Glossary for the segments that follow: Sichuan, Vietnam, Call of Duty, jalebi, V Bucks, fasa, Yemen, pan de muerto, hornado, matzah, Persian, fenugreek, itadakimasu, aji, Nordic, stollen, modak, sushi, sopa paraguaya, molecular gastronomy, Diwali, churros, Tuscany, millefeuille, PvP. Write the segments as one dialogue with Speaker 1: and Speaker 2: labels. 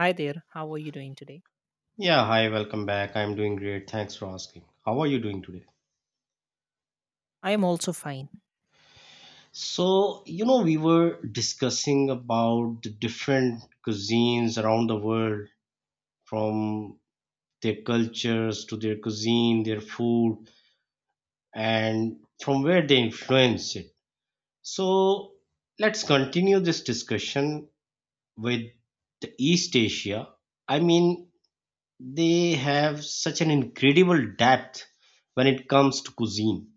Speaker 1: Hi there, how are you doing today?
Speaker 2: Yeah, hi, welcome back. I'm doing great. Thanks for asking. How are you doing today?
Speaker 1: I am also fine.
Speaker 2: So, you know, we were discussing about the different cuisines around the world, from their cultures to their cuisine, their food, and from where they influence it. So, let's continue this discussion with the East Asia. I mean, they have such an incredible depth when it comes to cuisine.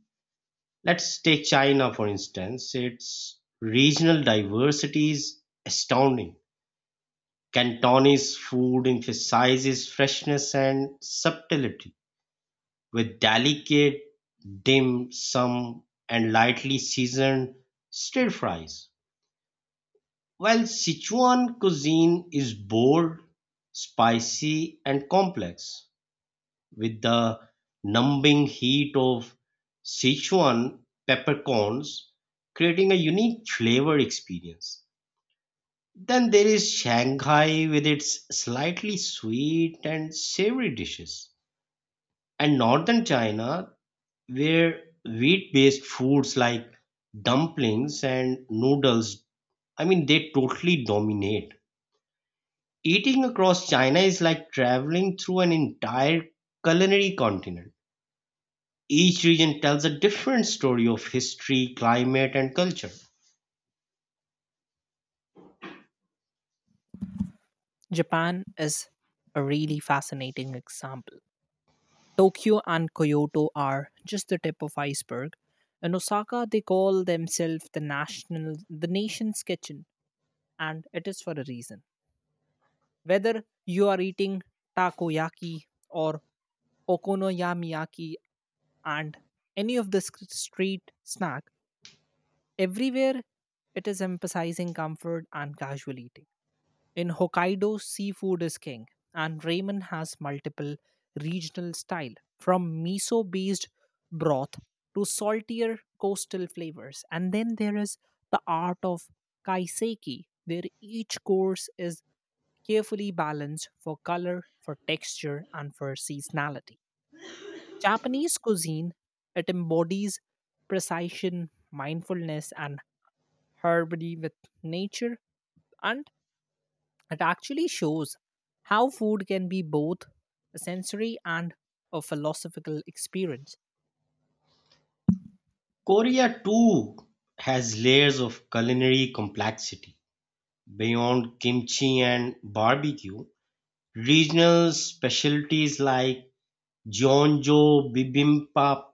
Speaker 2: Let's take China, for instance. Its regional diversity is astounding. Cantonese food emphasizes freshness and subtlety, with delicate dim sum and lightly seasoned stir fries, while Sichuan cuisine is bold, spicy, and complex, with the numbing heat of Sichuan peppercorns, creating a unique flavor experience. Then there is Shanghai with its slightly sweet and savory dishes, and northern China, where wheat based foods like dumplings and noodles, I mean, they totally dominate. Eating across China is like traveling through an entire culinary continent. Each region tells a different story of history, climate, and culture.
Speaker 1: Japan is a really fascinating example. Tokyo and Kyoto are just the tip of iceberg. In Osaka, they call themselves the national, the nation's kitchen, and it is for a reason. Whether you are eating takoyaki or okonomiyaki and any of the street snack, everywhere it is emphasizing comfort and casual eating. In Hokkaido, seafood is king, and ramen has multiple regional style from miso-based broth to saltier coastal flavors. And then there is the art of kaiseki, where each course is carefully balanced for color, for texture, and for seasonality. Japanese cuisine, it embodies precision, mindfulness, and harmony with nature, and it actually shows how food can be both a sensory and a philosophical experience.
Speaker 2: Korea too has layers of culinary complexity. Beyond kimchi and barbecue, regional specialties like jeonjo bibimbap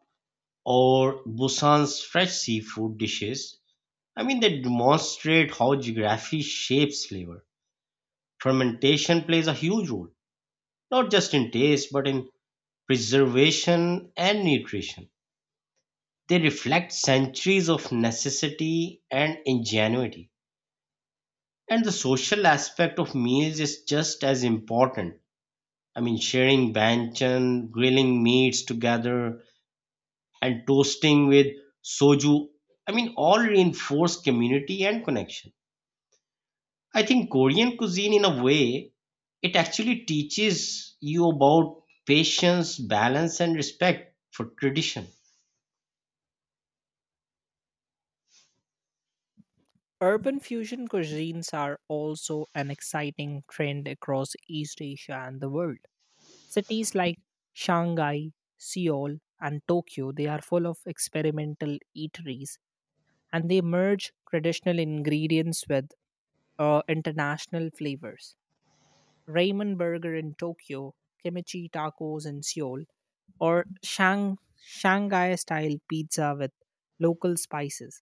Speaker 2: or Busan's fresh seafood dishes, I mean they demonstrate how geography shapes flavor. Fermentation plays a huge role, not just in taste but in preservation and nutrition. They reflect centuries of necessity and ingenuity. And the social aspect of meals is just as important. I mean, sharing banchan, grilling meats together, and toasting with soju. I mean, all reinforce community and connection. I think Korean cuisine, in a way, it actually teaches you about patience, balance, and respect for tradition.
Speaker 1: Urban fusion cuisines are also an exciting trend across East Asia and the world. Cities like Shanghai, Seoul, and Tokyo, they are full of experimental eateries and they merge traditional ingredients with international flavors. Ramen burger in Tokyo, kimchi tacos in Seoul, or Shanghai style pizza with local spices.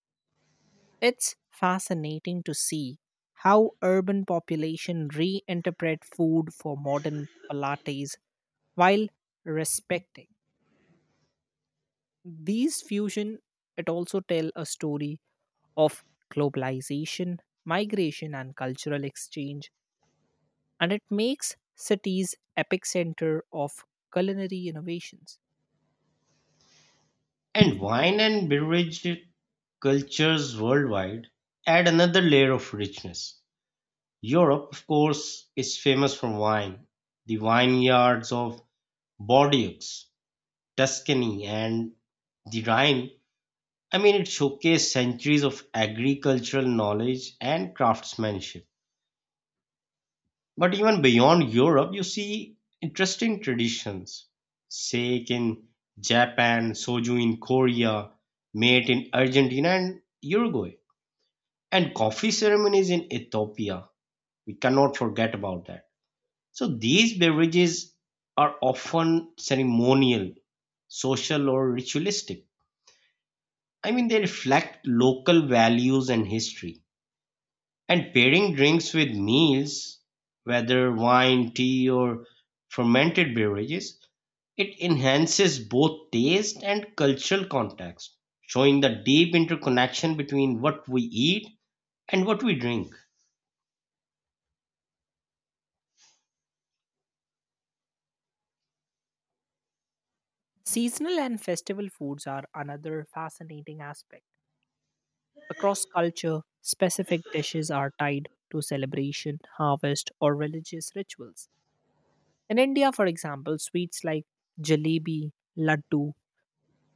Speaker 1: It's fascinating to see how urban population reinterpret food for modern palates while respecting. These fusion it also tell a story of globalization, migration and cultural exchange, and it makes cities epicenter of culinary innovations.
Speaker 2: And wine and beverage cultures worldwide add another layer of richness. Europe, of course, is famous for wine. The vineyards of Bordeaux, Tuscany, and the Rhine, I mean, it showcased centuries of agricultural knowledge and craftsmanship. But even beyond Europe, you see interesting traditions. Sake in Japan, soju in Korea, mate in Argentina and Uruguay, and coffee ceremonies in Ethiopia. We cannot forget about that. So these beverages are often ceremonial, social, or ritualistic. I mean, they reflect local values and history. And pairing drinks with meals, whether wine, tea, or fermented beverages, it enhances both taste and cultural context, showing the deep interconnection between what we eat and what we drink.
Speaker 1: Seasonal and festival foods are another fascinating aspect. Across culture, specific dishes are tied to celebration, harvest or religious rituals. In India for example, sweets like jalebi, laddu,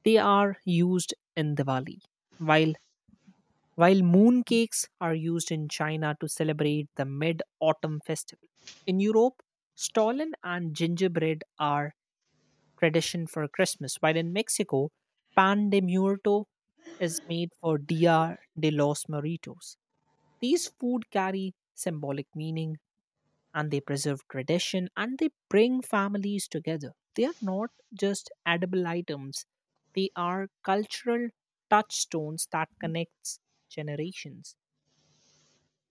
Speaker 1: they are used in Diwali, while while mooncakes are used in China to celebrate the mid autumn festival. In Europe, stollen and gingerbread are tradition for Christmas, while in Mexico, pan de muerto is made for Dia de los Muertos. These food carry symbolic meaning, and they preserve tradition and they bring families together. They are not just edible items, they are cultural touchstones that connects generations.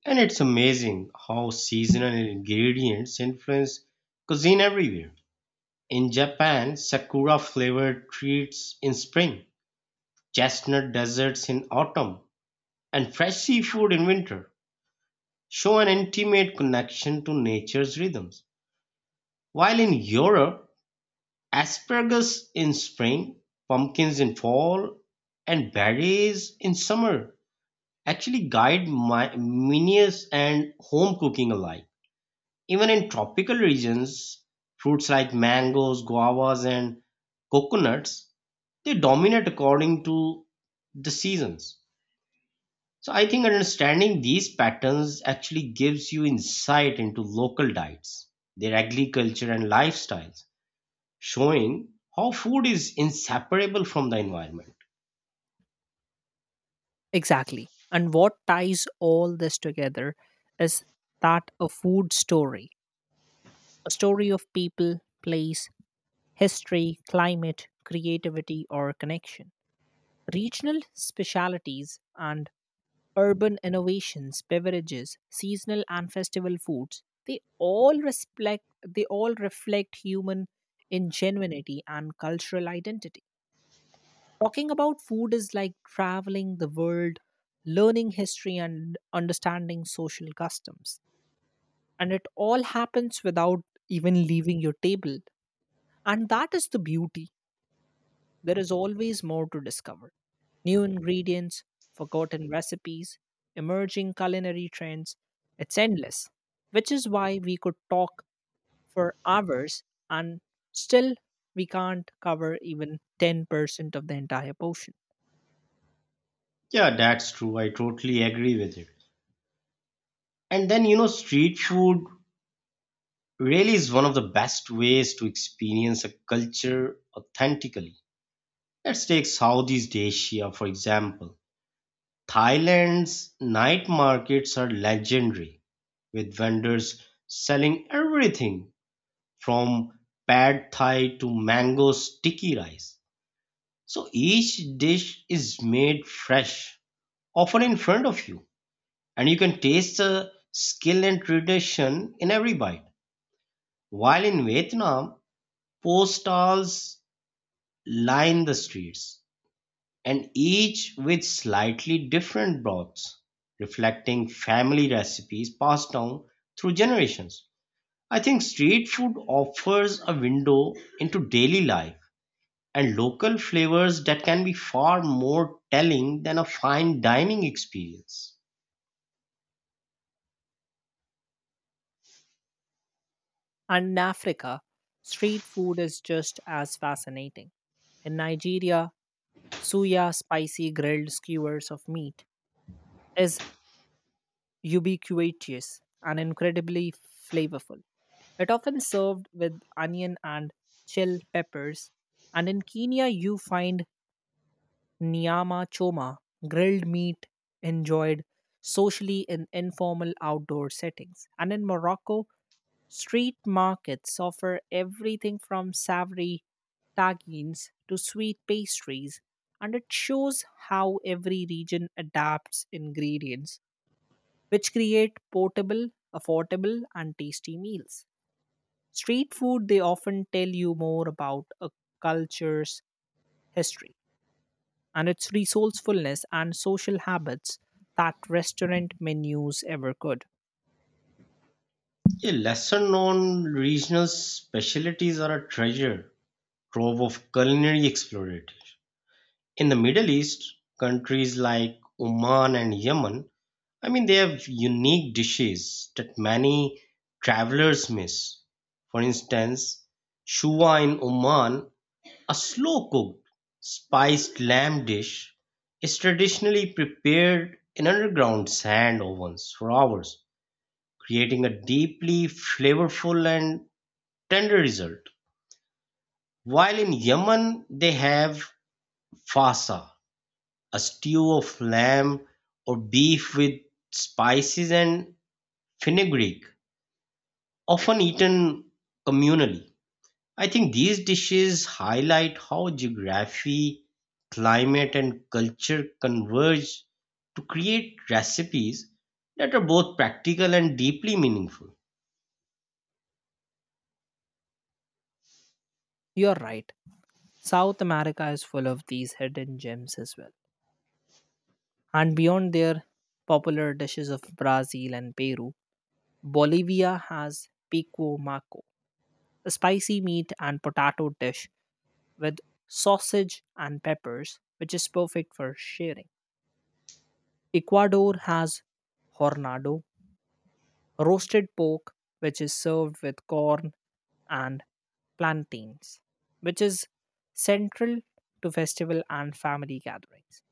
Speaker 2: And it's amazing how seasonal ingredients influence cuisine everywhere. In Japan, sakura flavored treats in spring, chestnut desserts in autumn, and fresh seafood in winter show an intimate connection to nature's rhythms. While in Europe, asparagus in spring, pumpkins in fall, and berries in summer actually guide my menus and home cooking alike. Even in tropical regions, fruits like mangoes, guavas, and coconuts, they dominate according to the seasons. So I think understanding these patterns actually gives you insight into local diets, their agriculture and lifestyles, showing how food is inseparable from the environment.
Speaker 1: Exactly. And what ties all this together is that a food story, a story of people, place, history, climate, creativity, or connection. Regional specialities and urban innovations, beverages, seasonal and festival foods, they all reflect human ingenuity and cultural identity. Talking about food is like traveling the world, learning history, and understanding social customs. And it all happens without even leaving your table. And that is the beauty. There is always more to discover, new ingredients, forgotten recipes, emerging culinary trends. It's endless, which is why we could talk for hours and still we can't cover even 10% of the entire portion.
Speaker 2: Yeah, that's true. I totally agree with it. And then you know street food really is one of the best ways to experience a culture authentically. Let's take Southeast Asia, for example. Thailand's night markets are legendary, with vendors selling everything from pad thai to mango sticky rice. So each dish is made fresh, often in front of you, and you can taste the skill and tradition in every bite. While in Vietnam, post stalls line the streets, and each with slightly different broths, reflecting family recipes passed down through generations. I think street food offers a window into daily life and local flavors that can be far more telling than a fine dining experience.
Speaker 1: And in Africa, street food is just as fascinating. In Nigeria, suya spicy grilled skewers of meat is ubiquitous and incredibly flavorful. It often served with onion and chill peppers. And in Kenya, you find nyama choma, grilled meat enjoyed socially in informal outdoor settings. And in Morocco, street markets offer everything from savory tagines to sweet pastries, and it shows how every region adapts ingredients, which create portable, affordable, and tasty meals. Street food, they often tell you more about a culture's history and its resourcefulness and social habits that restaurant menus ever could.
Speaker 2: Yeah, lesser known regional specialties are a treasure trove of culinary explorators. In the Middle East, countries like Oman and Yemen, I mean, they have unique dishes that many travelers miss. For instance, shuwa in Oman, a slow cooked spiced lamb dish, is traditionally prepared in underground sand ovens for hours, creating a deeply flavorful and tender result. While in Yemen, they have fasa, a stew of lamb or beef with spices and fenugreek, often eaten communally. I think these dishes highlight how geography, climate, and culture converge to create recipes that are both practical and deeply meaningful.
Speaker 1: You're right. South America is full of these hidden gems as well. And beyond their popular dishes of Brazil and Peru, Bolivia has pico maco, a spicy meat and potato dish with sausage and peppers, which is perfect for sharing. Ecuador has hornado, roasted pork, which is served with corn and plantains, which is central to festival and family gatherings.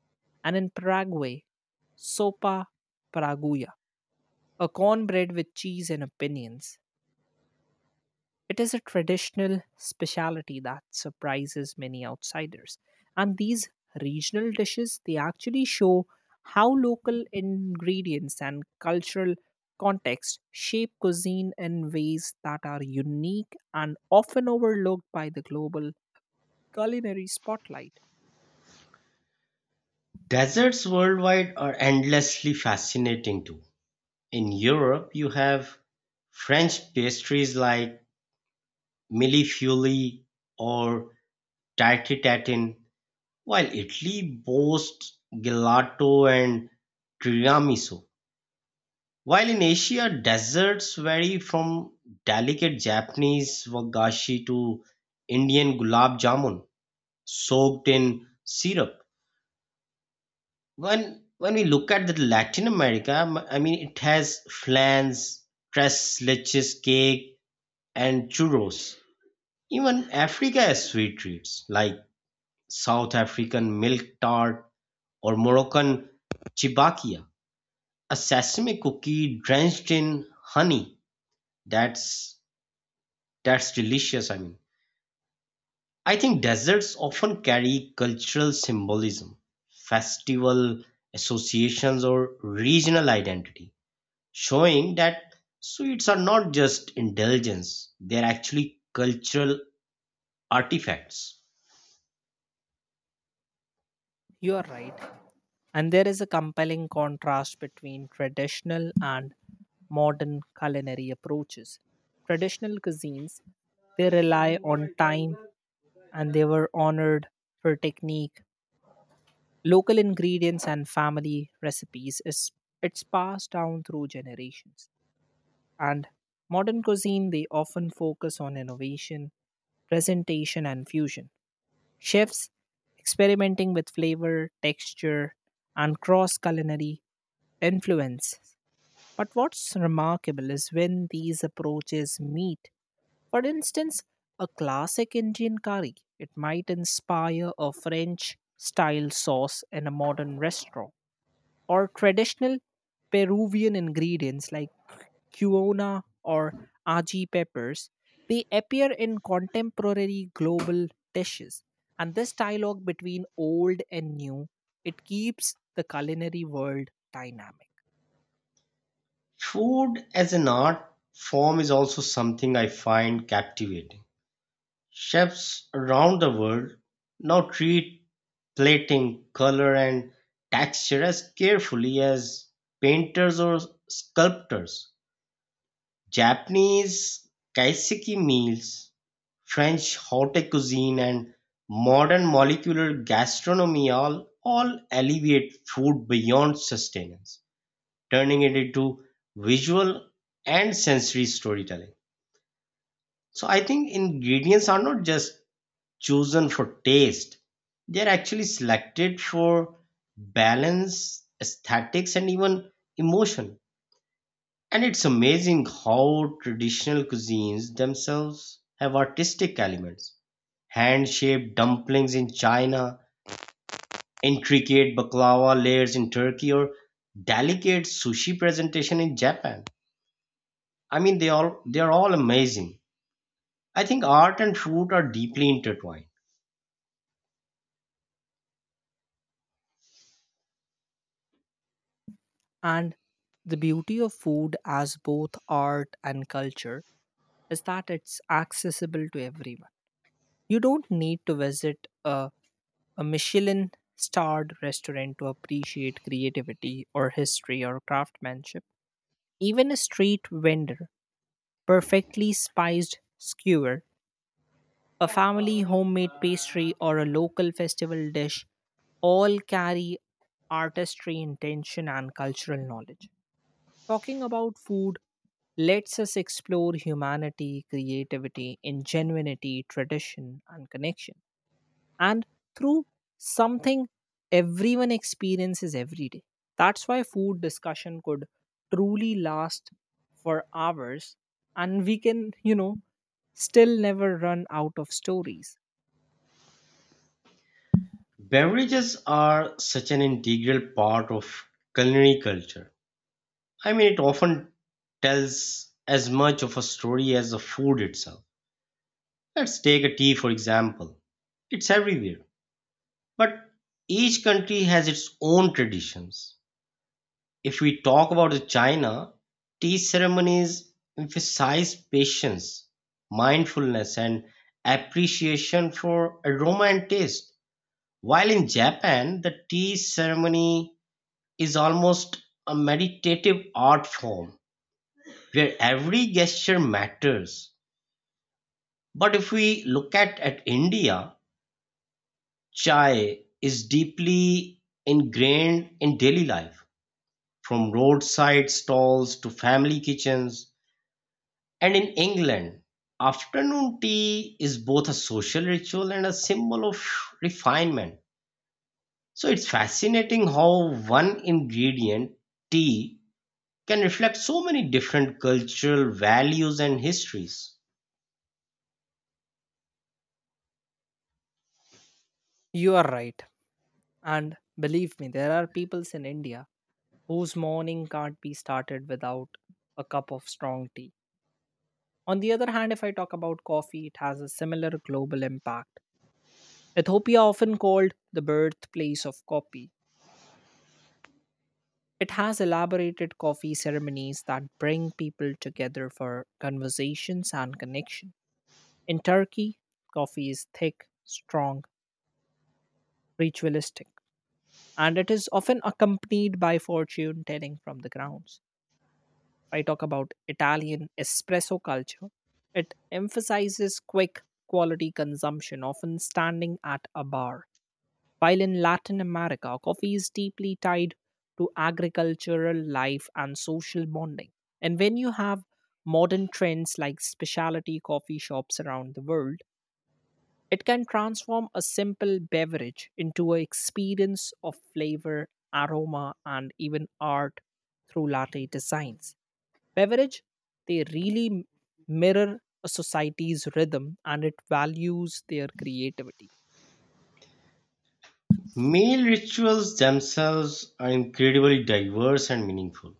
Speaker 1: And in Paraguay, sopa paraguaya, a cornbread with cheese and opinions. It is a traditional specialty that surprises many outsiders. And these regional dishes, they actually show how local ingredients and cultural context shape cuisine in ways that are unique and often overlooked by the global culinary spotlight.
Speaker 2: Deserts worldwide are endlessly fascinating too. In Europe, you have French pastries like millefeuille or tarte tatin, while Italy boasts gelato and tiramisu. While in Asia, desserts vary from delicate Japanese wagashi to Indian gulab jamun soaked in syrup. When we look at the Latin America, I mean it has flans, tres leches cake, and churros. Even Africa has sweet treats like South African milk tart or Moroccan chibakia, a sesame cookie drenched in honey. That's That's delicious, I mean. I think desserts often carry cultural symbolism, festival associations, or regional identity, showing that sweets are not just indulgence, they're actually cultural artifacts.
Speaker 1: You are right. And there is a compelling contrast between traditional and modern culinary approaches. Traditional cuisines, they rely on time and they were honored for technique, local ingredients and family recipes is it's passed down through generations. And modern cuisine, they often focus on innovation, presentation and fusion. Chefs experimenting with flavor, texture and cross culinary influence. But what's remarkable is when these approaches meet. For instance, a classic Indian curry, it might inspire a French style sauce in a modern restaurant, or traditional Peruvian ingredients like quinoa or aji peppers, they appear in contemporary global dishes. And this dialogue between old and new, it keeps the culinary world dynamic.
Speaker 2: Food as an art form is also something I find captivating. Chefs around the world now treat plating, color and texture as carefully as painters or sculptors. Japanese kaiseki meals, French haute cuisine and modern molecular gastronomy all elevate food beyond sustenance, turning it into visual and sensory storytelling. So I think ingredients are not just chosen for taste. They are actually selected for balance, aesthetics, and even emotion. And it's amazing how traditional cuisines themselves have artistic elements. Hand shaped dumplings in China, intricate baklava layers in Turkey, or delicate sushi presentation in Japan. I mean, they are all amazing. I think art and food are deeply intertwined.
Speaker 1: And the beauty of food as both art and culture is that it's accessible to everyone. You don't need to visit a Michelin starred restaurant to appreciate creativity or history or craftsmanship. Even a street vendor, perfectly spiced skewer, a family homemade pastry, or a local festival dish all carry artistry, intention, and cultural knowledge. Talking about food, let's us explore humanity, creativity, ingenuity, tradition, and connection. And through something everyone experiences every day. That's why food discussion could truly last for hours, and we can, you know, still never run out of stories.
Speaker 2: Beverages are such an integral part of culinary culture. I mean, it often tells as much of a story as the food itself. Let's take a tea, for example. It's everywhere, but each country has its own traditions. If we talk about the China, tea ceremonies emphasize patience, mindfulness, and appreciation for aroma and taste. While in Japan, the tea ceremony is almost a meditative art form where every gesture matters. But if we look at India, chai is deeply ingrained in daily life, from roadside stalls to family kitchens. And in England, afternoon tea is both a social ritual and a symbol of refinement. So it's fascinating how one ingredient, tea, can reflect so many different cultural values and histories.
Speaker 1: You are right. And believe me, there are peoples in India whose morning can't be started without a cup of strong tea. On the other hand, if I talk about coffee, it has a similar global impact. Ethiopia, often called the birthplace of coffee, it has elaborated coffee ceremonies that bring people together for conversations and connection. In Turkey, coffee is thick, strong, ritualistic, and it is often accompanied by fortune telling from the grounds. If I talk about Italian espresso culture, it emphasizes quick, quality consumption, often standing at a bar. While in Latin America, coffee is deeply tied to agricultural life and social bonding. And when you have modern trends like specialty coffee shops around the world, it can transform a simple beverage into an experience of flavor, aroma, and even art through latte designs. Beverage, they really mirror a society's rhythm and it values their creativity.
Speaker 2: Meal rituals themselves are incredibly diverse and meaningful.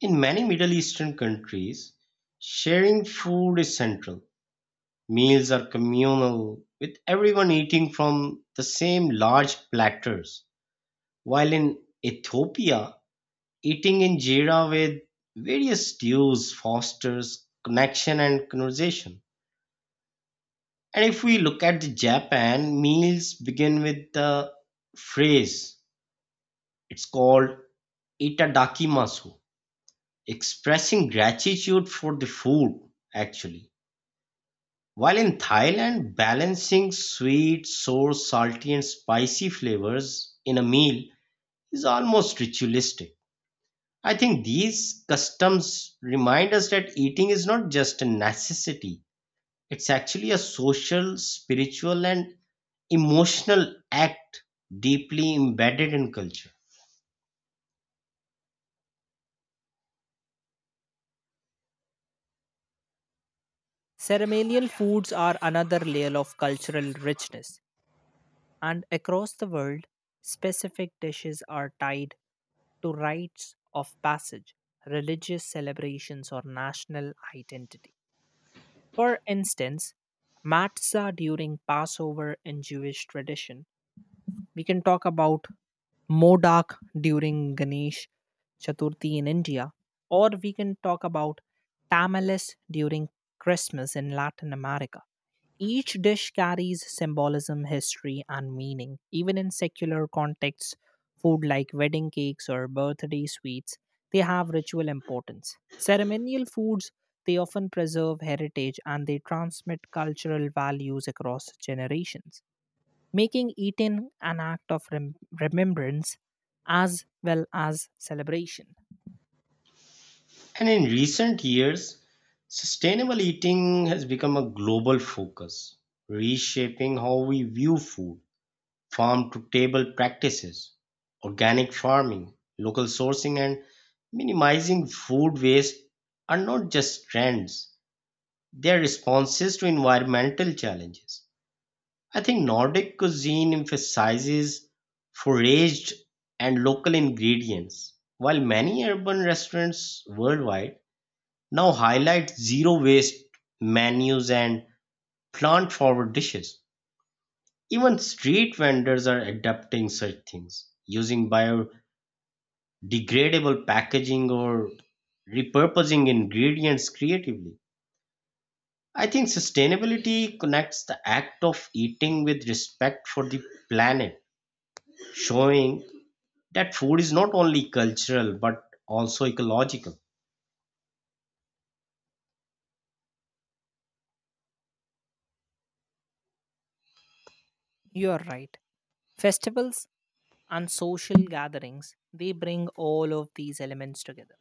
Speaker 2: In many Middle Eastern countries, sharing food is central. Meals are communal, with everyone eating from the same large platters. While in Ethiopia, eating in jira with various stews fosters connection and conversation. And if we look at the Japan, meals begin with the phrase. It's called itadakimasu, expressing gratitude for the food, actually. While in Thailand, balancing sweet, sour, salty, and spicy flavors in a meal is almost ritualistic. I think these customs remind us that eating is not just a necessity, it's actually a social, spiritual, and emotional act deeply embedded in culture.
Speaker 1: Ceremonial foods are another layer of cultural richness, and across the world, specific dishes are tied to rites of passage, religious celebrations, or national identity. For instance, matzah during Passover in Jewish tradition. We can talk about modak during Ganesh Chaturthi in India, or we can talk about tamales during Christmas in Latin America. Each dish carries symbolism, history, and meaning. Even in secular contexts, food like wedding cakes or birthday sweets, they have ritual importance. Ceremonial foods, they often preserve heritage and they transmit cultural values across generations, making eating an act of remembrance as well as celebration.
Speaker 2: And in recent years, sustainable eating has become a global focus, reshaping how we view food, farm to table practices, organic farming, local sourcing, and minimizing food waste are not just trends, they are responses to environmental challenges. I think Nordic cuisine emphasizes foraged and local ingredients, while many urban restaurants worldwide now highlight zero waste menus and plant forward dishes. Even street vendors are adapting such things, using biodegradable packaging or repurposing ingredients creatively. I think sustainability connects the act of eating with respect for the planet, showing that food is not only cultural but also ecological.
Speaker 1: You're right. Festivals and social gatherings, they bring all of these elements together,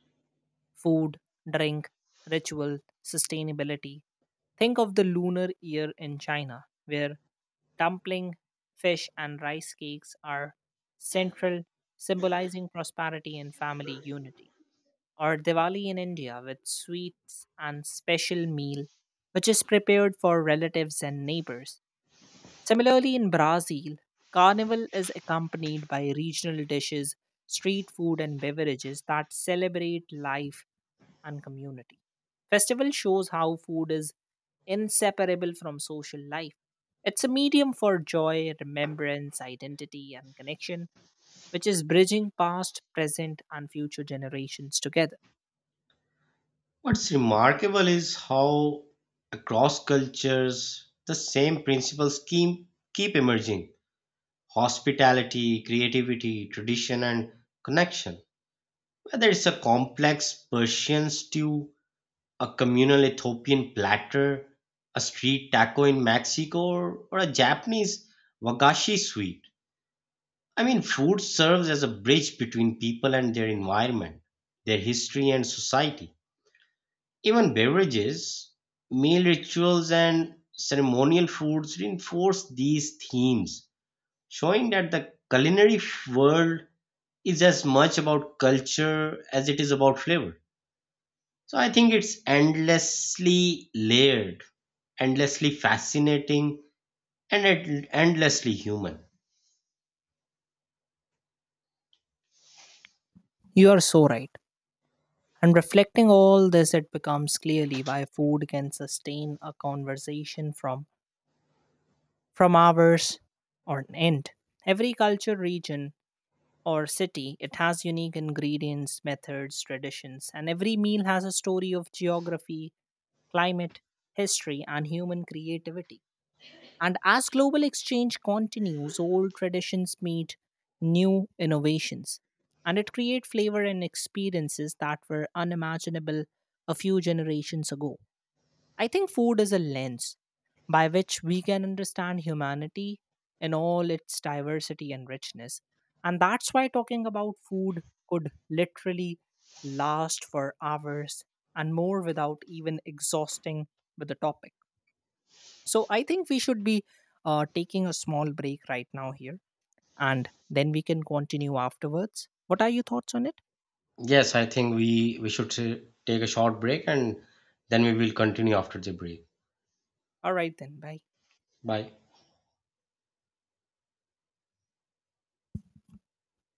Speaker 1: food, drink, ritual, sustainability. Think of the lunar year in China, where dumpling, fish, and rice cakes are central, symbolizing prosperity and family unity. Or Diwali in India with sweets and special meal, which is prepared for relatives and neighbors. Similarly, in Brazil, Carnival is accompanied by regional dishes, street food, and beverages that celebrate life and community. Festival shows how food is inseparable from social life. It's a medium for joy, remembrance, identity, and connection, which is bridging past, present, and future generations together.
Speaker 2: What's remarkable is how across cultures the same principles keep emerging hospitality, creativity, tradition, and connection. Whether it's a complex Persian stew, a communal Ethiopian platter, a street taco in Mexico, or a Japanese wagashi sweet, I mean, food serves as a bridge between people and their environment, their history and society. Even beverages, meal rituals, and ceremonial foods reinforce these themes, showing that the culinary world is as much about culture as it is about flavor. So I think it's endlessly layered, endlessly fascinating, and endlessly human.
Speaker 1: You are so right. And reflecting all this, it becomes clearly why food can sustain a conversation from hours on end. Every culture, region, or city, it has unique ingredients, methods, traditions, and every meal has a story of geography, climate, history, and human creativity. And as global exchange continues, old traditions meet new innovations. And it creates flavor and experiences that were unimaginable a few generations ago. I think food is a lens by which we can understand humanity in all its diversity and richness. And that's why talking about food could literally last for hours and more without even exhausting with the topic. So I think we should be taking a small break right now here, and then we can continue afterwards. What are your thoughts on it?
Speaker 2: Yes, I think we should take a short break and then we will continue after the break.
Speaker 1: All right, then. Bye.
Speaker 2: Bye.